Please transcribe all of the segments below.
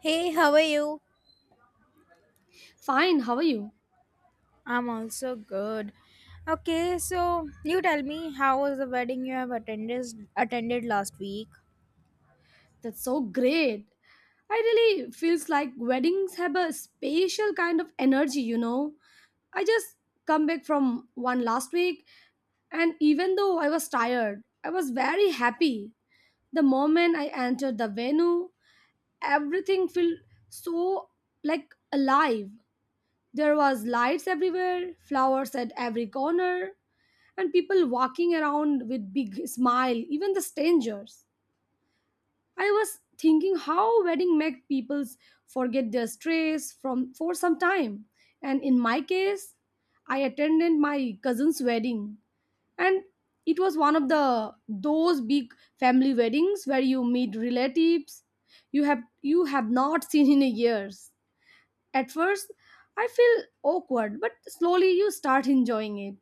Hey, how are you? Fine, how are you? I'm also good. Okay, so you tell me how was the wedding you have attended last week? That's so great. I really feels like weddings have a special kind of energy, I just come back from one last week and even though I was tired, I was very happy. The moment I entered the venue, everything felt so like alive. There was lights everywhere, flowers at every corner, and people walking around with big smile, even the strangers. I was thinking how wedding make people forget their stress from for some time. And in my case, I attended my cousin's wedding and it was one of the those big family weddings where you meet relatives you have not seen in years. At first, I feel awkward, but slowly you start enjoying it.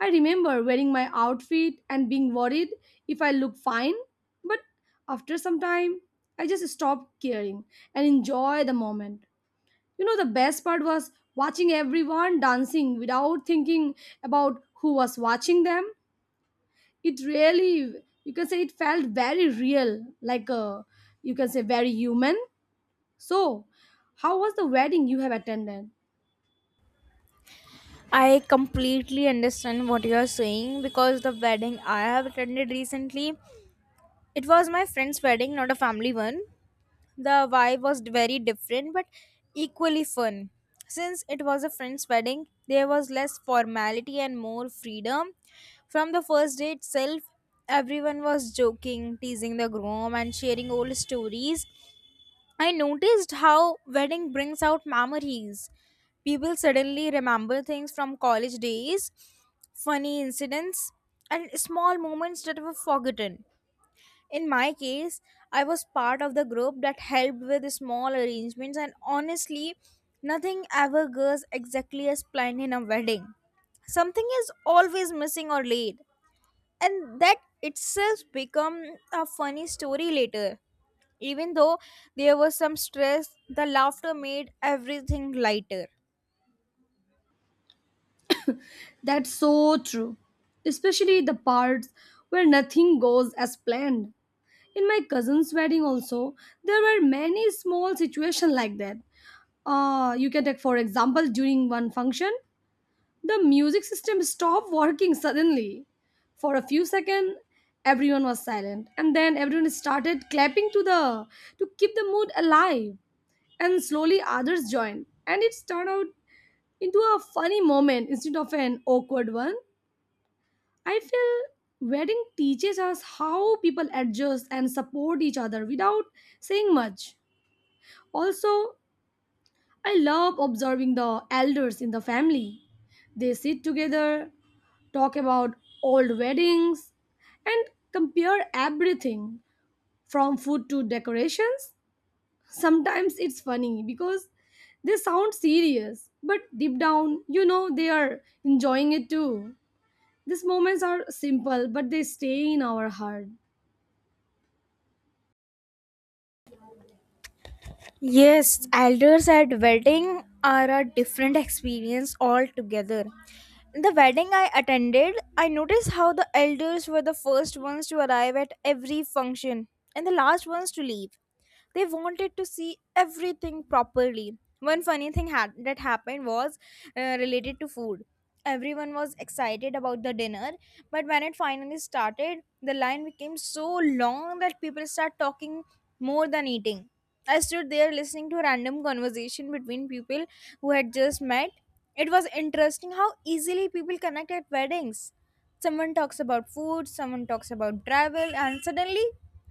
I remember wearing my outfit and being worried if I look fine, but after some time, I just stopped caring and enjoy the moment. The best part was watching everyone dancing without thinking about who was watching them. It really, you can say, it felt very real, like a, you can say, very human. So, how was the wedding you have attended? I completely understand what you are saying because the wedding I have attended recently, it was my friend's wedding, not a family one. The vibe was very different but equally fun. Since it was a friend's wedding, there was less formality and more freedom. From the first day itself, everyone was joking, teasing the groom, and sharing old stories. I noticed how wedding brings out memories. People suddenly remember things from college days, funny incidents, and small moments that were forgotten. In my case, I was part of the group that helped with small arrangements, and honestly, nothing ever goes exactly as planned in a wedding. Something is always missing or late, and that itself become a funny story later. Even though there was some stress, the laughter made everything lighter. That's so true, especially the parts where nothing goes as planned. In my cousin's wedding also, there were many small situations like that. You can take for example during one function, the music system stopped working suddenly. For a few seconds, everyone was silent and then everyone started clapping to keep the mood alive, and slowly others joined and it's turned out into a funny moment instead of an awkward one. I feel wedding teaches us how people adjust and support each other without saying much. Also, I love observing the elders in the family. They sit together, talk about old weddings, and compare everything from food to decorations. Sometimes it's funny because they sound serious, but deep down, they are enjoying it too. These moments are simple, but they stay in our heart. Yes, elders at wedding are a different experience altogether. In the wedding I attended, I noticed how the elders were the first ones to arrive at every function and the last ones to leave. They wanted to see everything properly. One funny thing that happened was related to food. Everyone was excited about the dinner, but when it finally started, the line became so long that people start talking more than eating. I stood there listening to a random conversation between people who had just met. It was interesting how easily people connect at weddings. Someone talks about food, someone talks about travel, and suddenly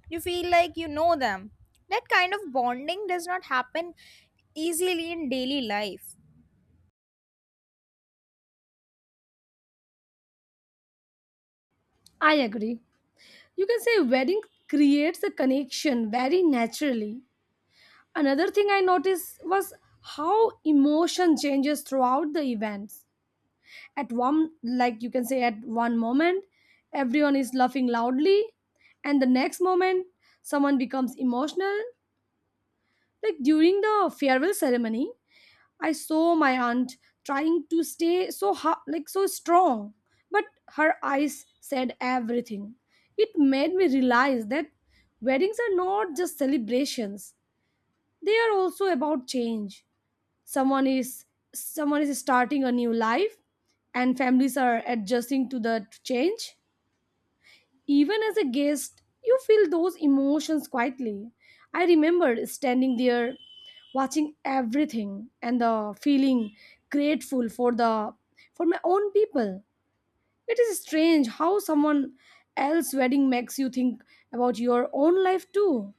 you feel like you know them. That kind of bonding does not happen easily in daily life. I agree. You can say wedding creates a connection very naturally. Another thing I noticed was how emotion changes throughout the events. At one, like you can say at one moment everyone is laughing loudly and the next moment someone becomes emotional, like during the farewell ceremony. I saw my aunt trying to stay like so strong, but her eyes said everything. It made me realize that weddings are not just celebrations. They are also about change. Someone is Someone is starting a new life and families are adjusting to the change. Even as a guest, you feel those emotions quietly. I remember standing there, watching everything, and the feeling grateful for the for my own people. It is strange how someone else's wedding makes you think about your own life too.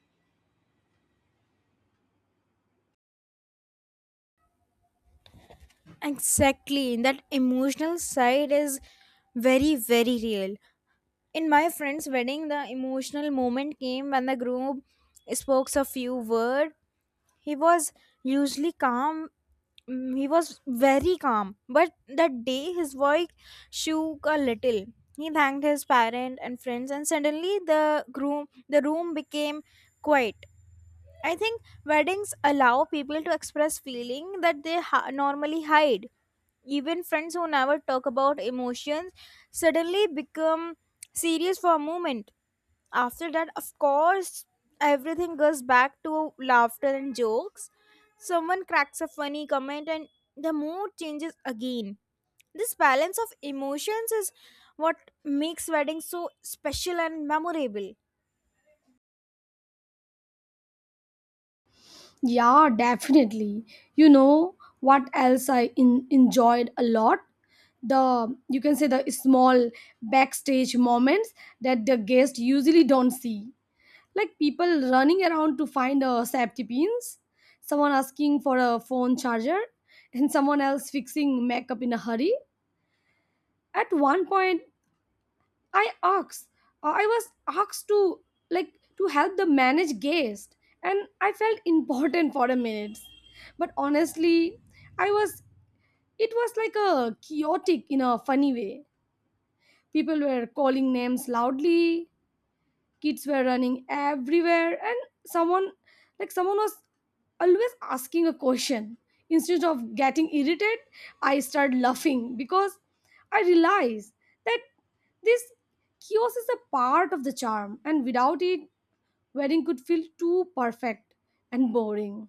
Exactly, that emotional side is very, very real. In my friend's wedding, the emotional moment came when the groom spoke a few words. He was usually calm. He was very calm, but that day his voice shook a little. He thanked his parent and friends, and suddenly the room became quiet. I think weddings allow people to express feeling that they normally hide. Even friends who never talk about emotions suddenly become serious for a moment. After that, of course, everything goes back to laughter and jokes. Someone cracks a funny comment and the mood changes again. This balance of emotions is what makes weddings so special and memorable. Yeah, definitely. What else enjoyed a lot? The you can say the small backstage moments that the guests usually don't see, like people running around to find safety pins, someone asking for a phone charger, and someone else fixing makeup in a hurry. At one point, I asked, I was asked to like to help the manage guest, and I felt important for a minute. But honestly, I was it was like a chaotic in a funny way. People were calling names loudly, kids were running everywhere and someone someone was always asking a question. Instead of getting irritated I start laughing because I realize that this chaos is a part of the charm, and without it wedding could feel too perfect and boring.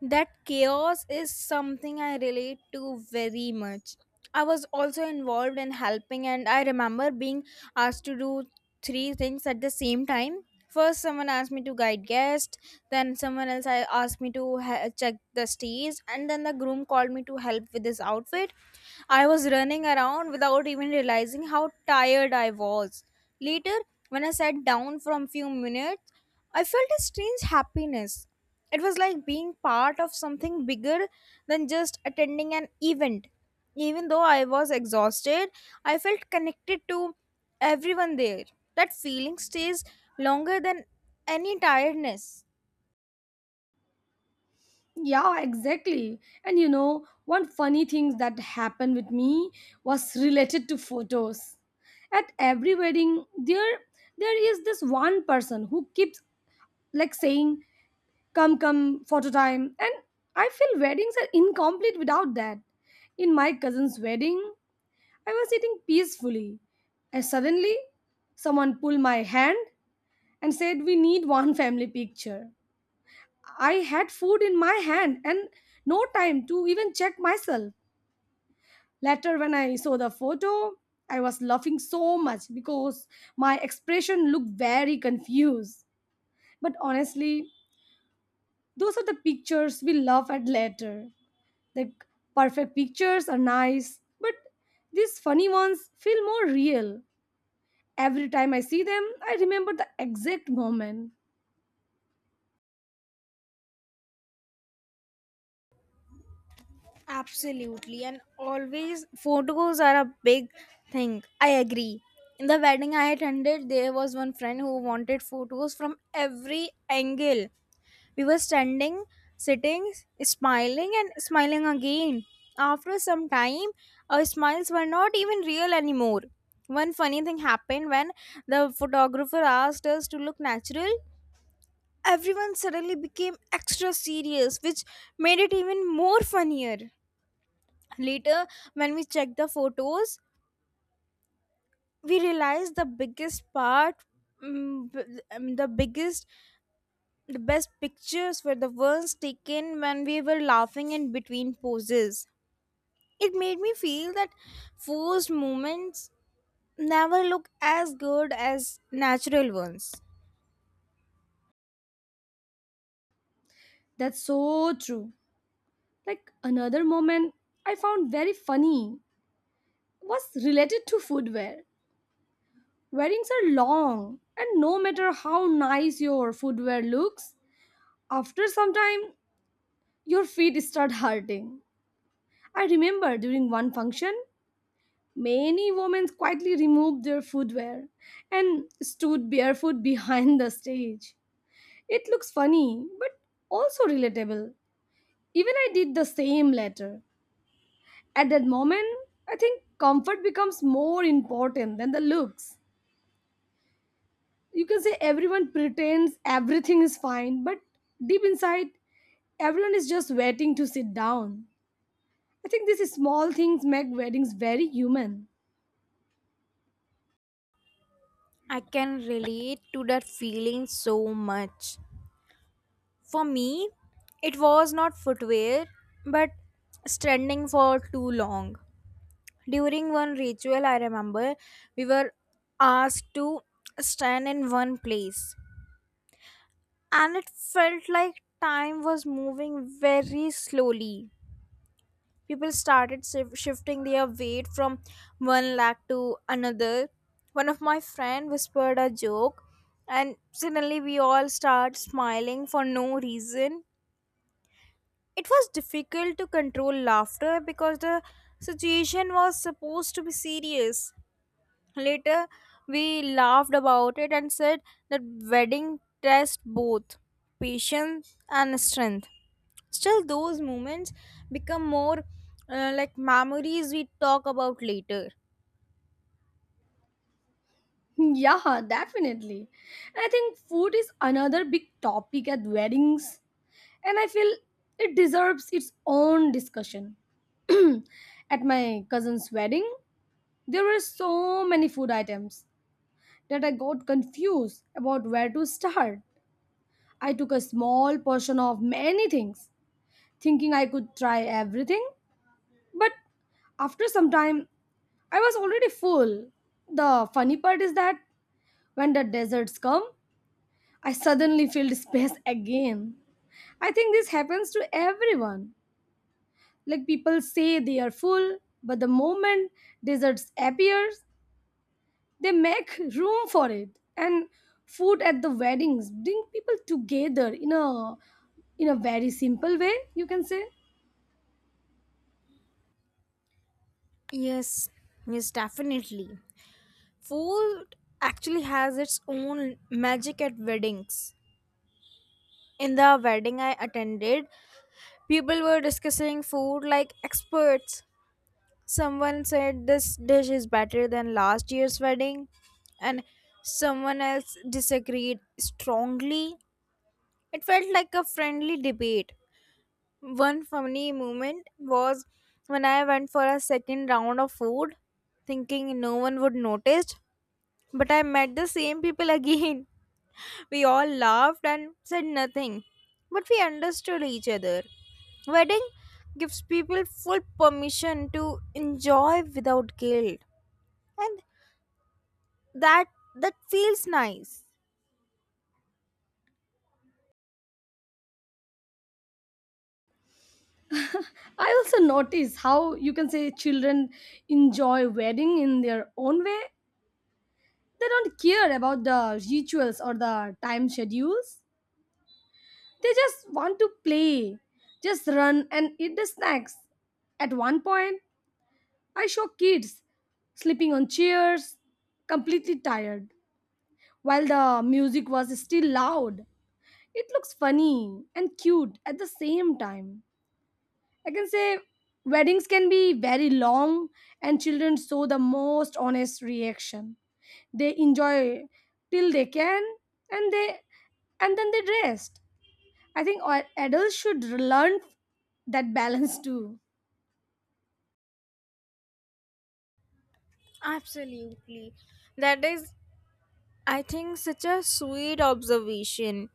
That chaos is something I relate to very much. I was also involved in helping, and I remember being asked to do three things at the same time. First, someone asked me to guide guests, then, someone else I asked me to check the stage, and then the groom called me to help with his outfit. I was running around without even realizing how tired I was. Later, when I sat down for a few minutes, I felt a strange happiness. It was like being part of something bigger than just attending an event. Even though I was exhausted, I felt connected to everyone there. That feeling stays longer than any tiredness. Yeah, exactly. And you know, one funny thing that happened with me was related to photos. At every wedding, there is this one person who keeps like saying, "Come, come, photo time." And I feel weddings are incomplete without that. In my cousin's wedding, I was sitting peacefully, and suddenly someone pulled my hand and said, "We need one family picture." I had food in my hand and no time to even check myself. Later, when I saw the photo, I was laughing so much because my expression looked very confused. But honestly, those are the pictures we laugh at later. The perfect pictures are nice, but these funny ones feel more real. Every time I see them, I remember the exact moment. Absolutely, and always photos are a big thing. I agree. In the wedding I attended, there was one friend who wanted photos from every angle. We were standing, sitting, smiling, and smiling again. After some time, our smiles were not even real anymore. One funny thing happened when the photographer asked us to look natural. Everyone suddenly became extra serious, which made it even more funnier. Later, when we checked the photos, we realized the biggest part, mm, b- the biggest, the best pictures were the ones taken when we were laughing in between poses. It made me feel that forced moments never look as good as natural ones. That's so true. Like another moment I found very funny was related to footwear. Weddings are long, and no matter how nice your footwear looks, after some time your feet start hurting. I remember during one function, many women quietly removed their footwear and stood barefoot behind the stage. It looks funny, but also relatable. Even I did the same later. At that moment, I think comfort becomes more important than the looks. You can say everyone pretends everything is fine, but deep inside, everyone is just waiting to sit down. I think these small things make weddings very human. I can relate to that feeling so much. For me, it was not footwear, but standing for too long. During one ritual, I remember we were asked to stand in one place, and it felt like time was moving very slowly. People started shifting their weight from one leg to another. One of my friend whispered a joke, and suddenly we all start smiling for no reason. It was difficult to control laughter because the situation was supposed to be serious. Later, we laughed about it and said that wedding tests both patience and strength. Still, those moments become more like memories we talk about later. Yeah, definitely. And I think food is another big topic at weddings, and I feel it deserves its own discussion. At my cousin's wedding, there were so many food items that I got confused about where to start. I took a small portion of many things, thinking I could try everything. But after some time, I was already full. The funny part is that when the deserts come, I suddenly filled space again. I think this happens to everyone. Like people say they are full, but the moment deserts appears, they make room for it. And food at the weddings bring people together in a very simple way, you can say. Yes, yes, definitely. Food actually has its own magic at weddings. In the wedding I attended, people were discussing food like experts. Someone said this dish is better than last year's wedding, and someone else disagreed strongly. It felt like a friendly debate. One funny moment was when I went for a second round of food, thinking no one would notice, but I met the same people again. We all laughed and said nothing, but we understood each other. Wedding gives people full permission to enjoy without guilt, and that that feels nice. I also notice how you can say children enjoy wedding in their own way. They don't care about the rituals or the time schedules. They just want to play, just run and eat the snacks. At one point, I saw kids sleeping on chairs, completely tired, while the music was still loud. It looks funny and cute at the same time. I can say weddings can be very long, and children show the most honest reaction. They enjoy till they can, and they and then they rest. I think adults should learn that balance too. Absolutely. That is, I think, such a sweet observation.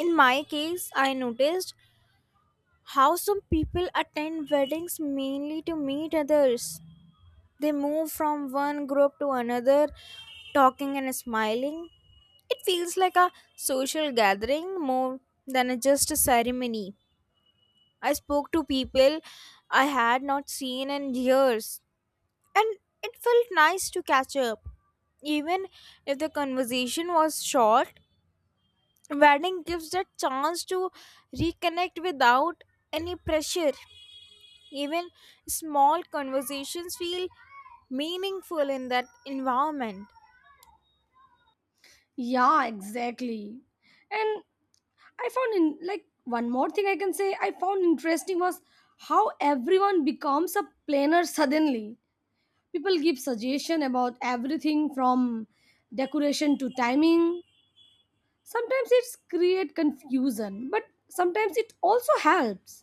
In my case, I noticed how some people attend weddings mainly to meet others. They move from one group to another, talking and smiling. It feels like a social gathering more than just a ceremony. I spoke to people I had not seen in years. And it felt nice to catch up. Even if the conversation was short, wedding gives that chance to reconnect without any pressure. Even small conversations feel meaningful in that environment. Yeah, exactly. And I found in like one more thing I can say I found interesting was how everyone becomes a planner suddenly. People give suggestion about everything from decoration to timing. Sometimes it's create confusion, but sometimes it also helps.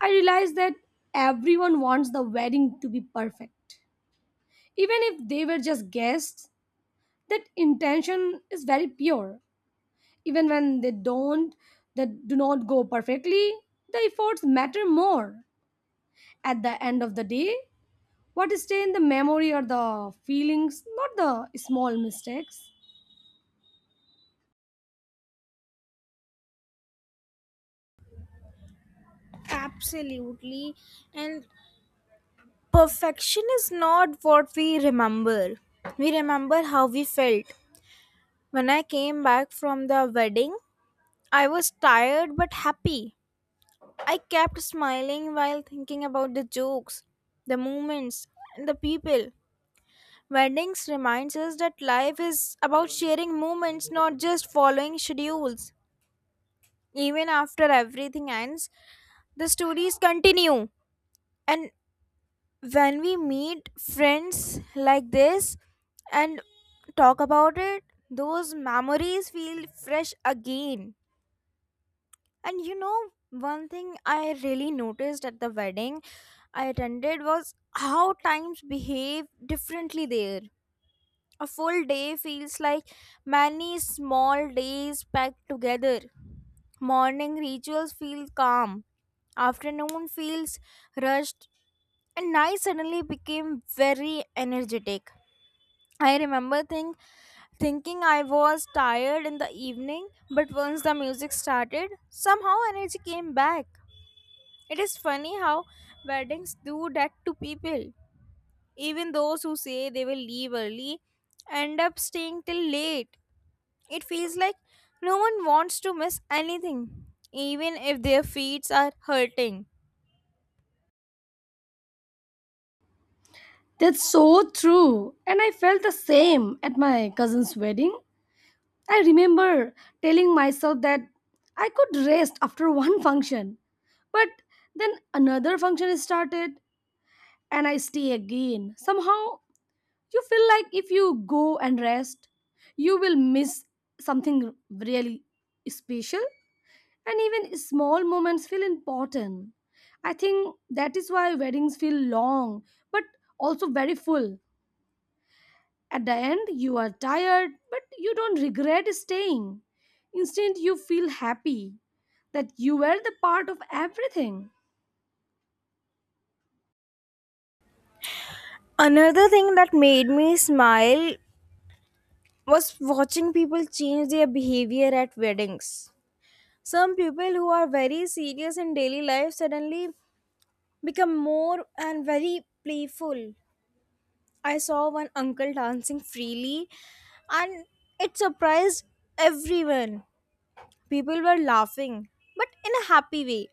I realize that everyone wants the wedding to be perfect, even if they were just guests. That intention is very pure. Even when they don't that do not go perfectly, the efforts matter more. At the end of the day, what stay in the memory are the feelings, not the small mistakes. Absolutely. And perfection is not what we remember. We remember how we felt. When I came back from the wedding, I was tired but happy. I kept smiling while thinking about the jokes, the moments, and the people. Weddings reminds us that life is about sharing moments, not just following schedules. Even after everything ends, the stories continue. And when we meet friends like this and talk about it, those memories feel fresh again. And you know, one thing I really noticed at the wedding I attended was how times behave differently there. A full day feels like many small days packed together. Morning rituals feel calm, afternoon feels rushed, and night suddenly became very energetic. I remember thinking I was tired in the evening, but once the music started, somehow energy came back. It is funny how weddings do that to people. Even those who say they will leave early end up staying till late. It feels like no one wants to miss anything, even if their feet are hurting. That's so true, and I felt the same at my cousin's wedding. I remember telling myself that I could rest after one function, but then another function is started and I stay again. Somehow, you feel like if you go and rest, you will miss something really special, and even small moments feel important. I think that is why weddings feel long but also very full. At the end, you are tired, but you don't regret staying. Instead, you feel happy that you were the part of everything. Another thing that made me smile was watching people change their behavior at weddings. Some people who are very serious in daily life suddenly become more and very playful. I saw one uncle dancing freely and it surprised everyone. People were laughing, but in a happy way.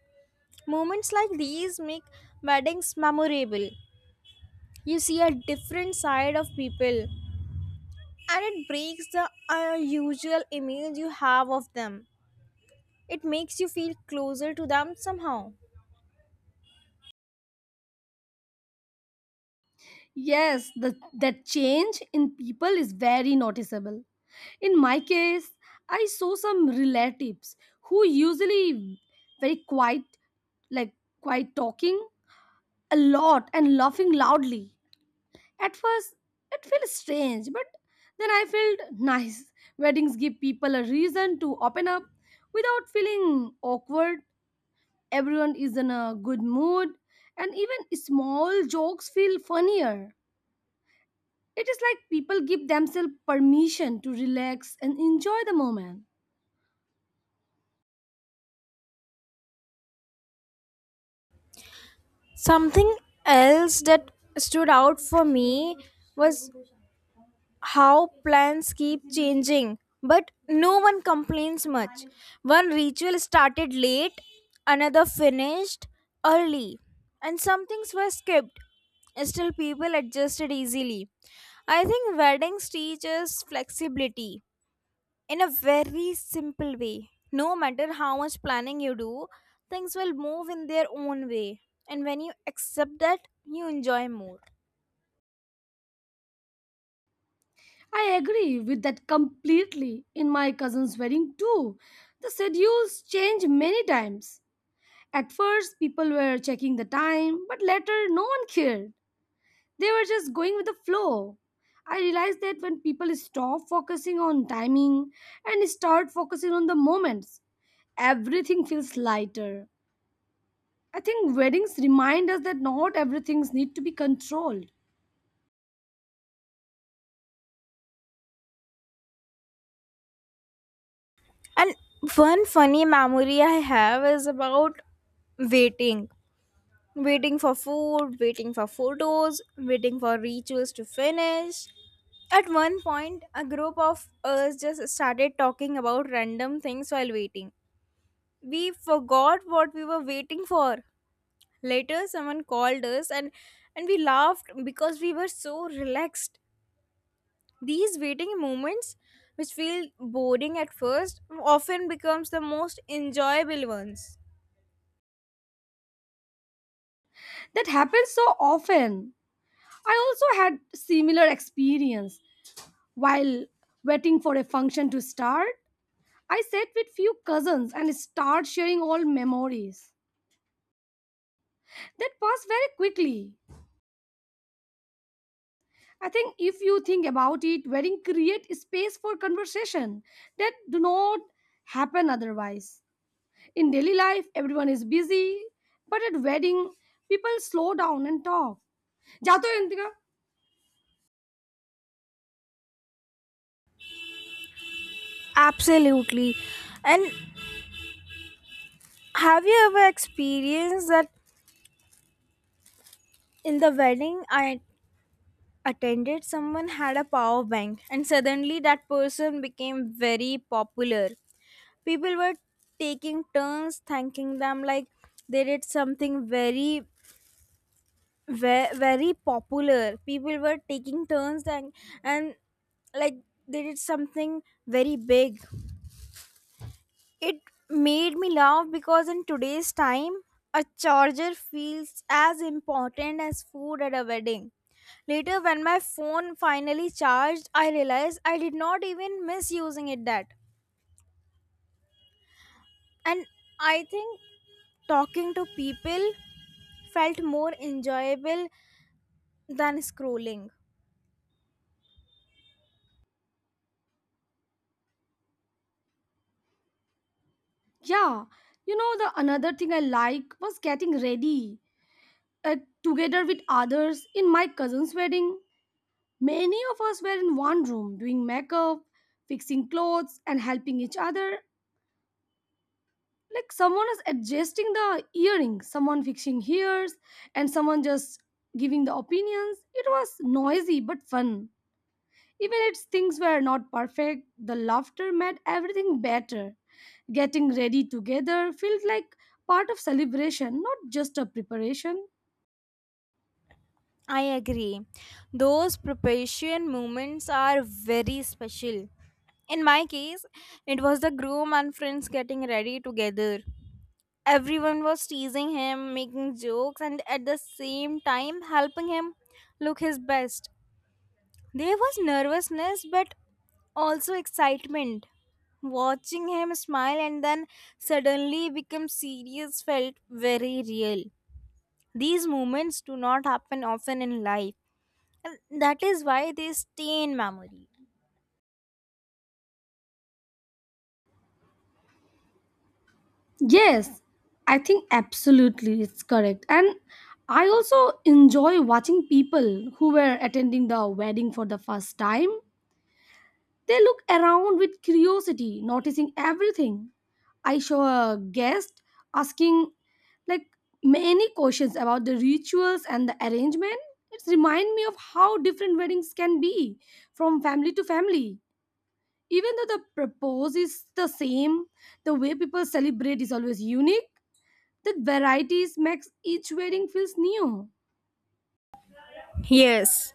Moments like these make weddings memorable. You see a different side of people and it breaks the unusual image you have of them. It makes you feel closer to them somehow. Yes, that change in people is very noticeable. In my case, I saw some relatives who usually very quiet, like quiet, talking a lot and laughing loudly. At first, it feels strange, but then I felt nice. Weddings give people a reason to open up without feeling awkward. Everyone is in a good mood, and even small jokes feel funnier. It is like people give themselves permission to relax and enjoy the moment. Something else that stood out for me was how plans keep changing, but no one complains much. One ritual started late, another finished early, and some things were skipped. Still, people adjusted easily. I think weddings teach us flexibility in a very simple way. No matter how much planning you do, things will move in their own way. And when you accept that, you enjoy more. I agree with that completely. In my cousin's wedding too, the schedules change many times. At first, people were checking the time, but later, no one cared. They were just going with the flow. I realized that when people stop focusing on timing and start focusing on the moments, everything feels lighter. I think weddings remind us that not everything needs to be controlled. And one funny memory I have is about waiting. Waiting for food, waiting for photos, waiting for rituals to finish. At one point, a group of us just started talking about random things while waiting. We forgot what we were waiting for. Later, someone called us and we laughed because we were so relaxed. These waiting moments, which feel boring at first, often becomes the most enjoyable ones. That happens so often. I also had similar experience while waiting for a function to start. I sat with few cousins and start sharing all memories that passed very quickly. I think if you think about it, wedding create space for conversation that do not happen otherwise. In daily life, everyone is busy, but at wedding, people slow down and talk. Jato Indra? Absolutely. And have you ever experienced that? In the wedding I attended, someone had a power bank, and suddenly that person became very popular. People were taking turns thanking them like they did something very very popular. People were taking turns and like they did something very big. It made me laugh because in today's time, a charger feels as important as food at a wedding. Later, when my phone finally charged, I realized I did not even miss using it that. And I think talking to people felt more enjoyable than scrolling. Yeah. You know the another thing I like was getting ready uh, together with others in my cousin's wedding. Many of us were in one room doing makeup, fixing clothes, and helping each other, like someone is adjusting the earring, someone fixing ears, and someone just giving the opinions. It was noisy but fun. Even if things were not perfect, the laughter made everything better. Getting ready together felt like part of celebration, not just a preparation. I agree. Those preparation moments are very special. In my case, it was the groom and friends getting ready together. Everyone was teasing him, making jokes, and at the same time helping him look his best. There was nervousness but also excitement. Watching him smile and then suddenly become serious felt very real. These moments do not happen often in life and that is why they stay in memory. Yes, I think absolutely it's correct, and I also enjoy watching people who were attending the wedding for the first time. They look around with curiosity, noticing everything. I saw a guest asking like many questions about the rituals and the arrangement. It's remind me of how different weddings can be from family to family. Even though the propose is the same, the way people celebrate is always unique. That varieties makes each wedding feels new. Yes,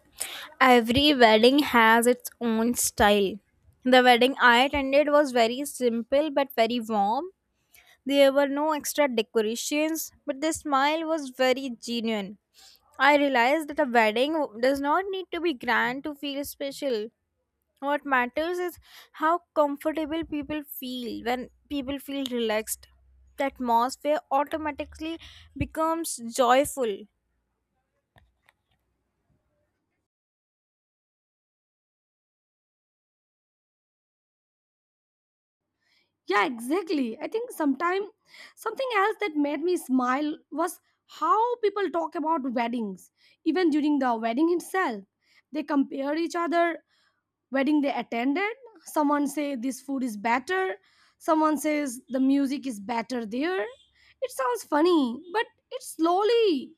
every wedding has its own style. The wedding I attended was very simple but very warm. There were no extra decorations, but the smile was very genuine. I realized that a wedding does not need to be grand to feel special. What matters is how comfortable people feel when people feel relaxed. The atmosphere automatically becomes joyful. Yeah, exactly. I think sometime something else that made me smile was how people talk about weddings, even during the wedding itself. They compare each other wedding they attended. Someone say this food is better. Someone says the music is better there. It sounds funny, but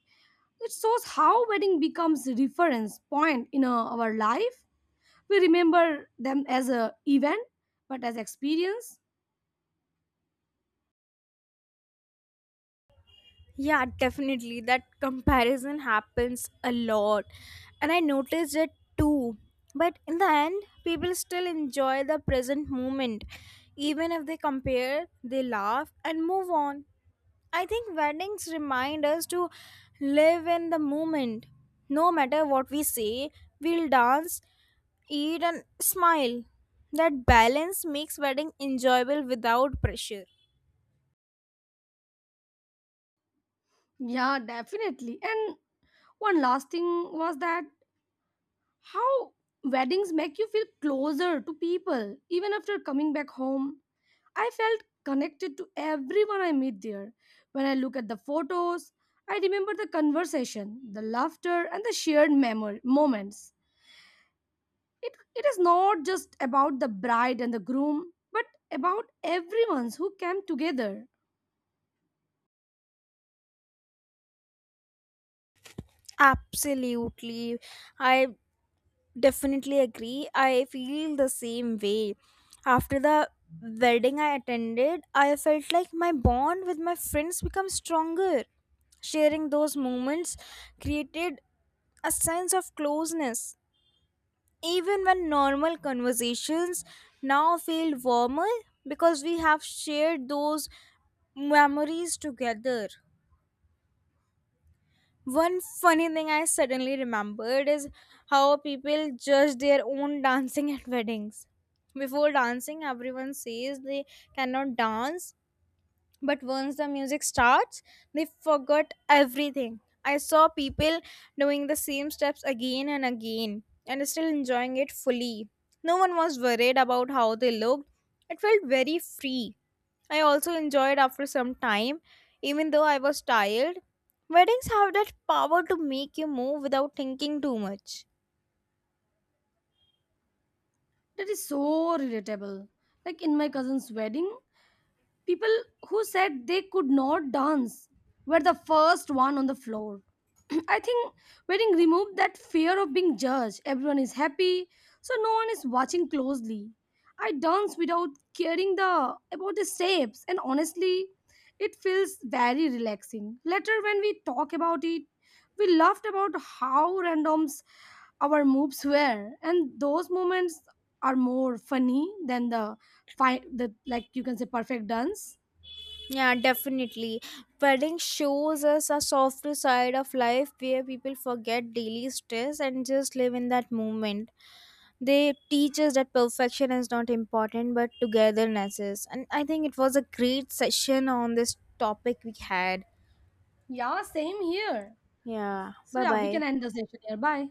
it shows how wedding becomes reference point in our life. We remember them as a event, but as experience. Yeah, definitely. That comparison happens a lot. And I noticed it too. But in the end, people still enjoy the present moment. Even if they compare, they laugh and move on. I think weddings remind us to live in the moment. No matter what we say, we'll dance, eat, and smile. That balance makes wedding enjoyable without pressure. Yeah, definitely. And one last thing was that how weddings make you feel closer to people. Even after coming back home, I felt connected to everyone I meet there. When I look at the photos, I remember the conversation, the laughter, and the shared memory moments. It is not just about the bride and the groom, but about everyone who came together. Absolutely. I definitely agree, I feel the same way. After the wedding I attended, I felt like my bond with my friends become stronger. Sharing those moments created a sense of closeness. Even when normal conversations now feel warmer because we have shared those memories together. One funny thing I suddenly remembered is how people judge their own dancing at weddings. Before dancing, everyone says they cannot dance, but once the music starts, they forgot everything. I saw people doing the same steps again and again and still enjoying it fully. No one was worried about how they looked. It felt very free. I also enjoyed after some time, even though I was tired. Weddings have that power to make you move without thinking too much. That is so relatable. Like in my cousin's wedding, people who said they could not dance were the first one on the floor. I think wedding removed that fear of being judged. Everyone is happy, so no one is watching closely. I dance without caring the about the steps, and honestly, it feels very relaxing. Later, when we talk about it, we laughed about how randoms our moves were, and those moments are more funny than the like you can say perfect dance. Yeah, definitely. Wedding shows us a softer side of life where people forget daily stress and just live in that moment. They teach us that perfection is not important but togetherness is. And I think it was a great session on this topic we had. Yeah, same here. Yeah, So bye yeah, we bye. can end the session here. Bye.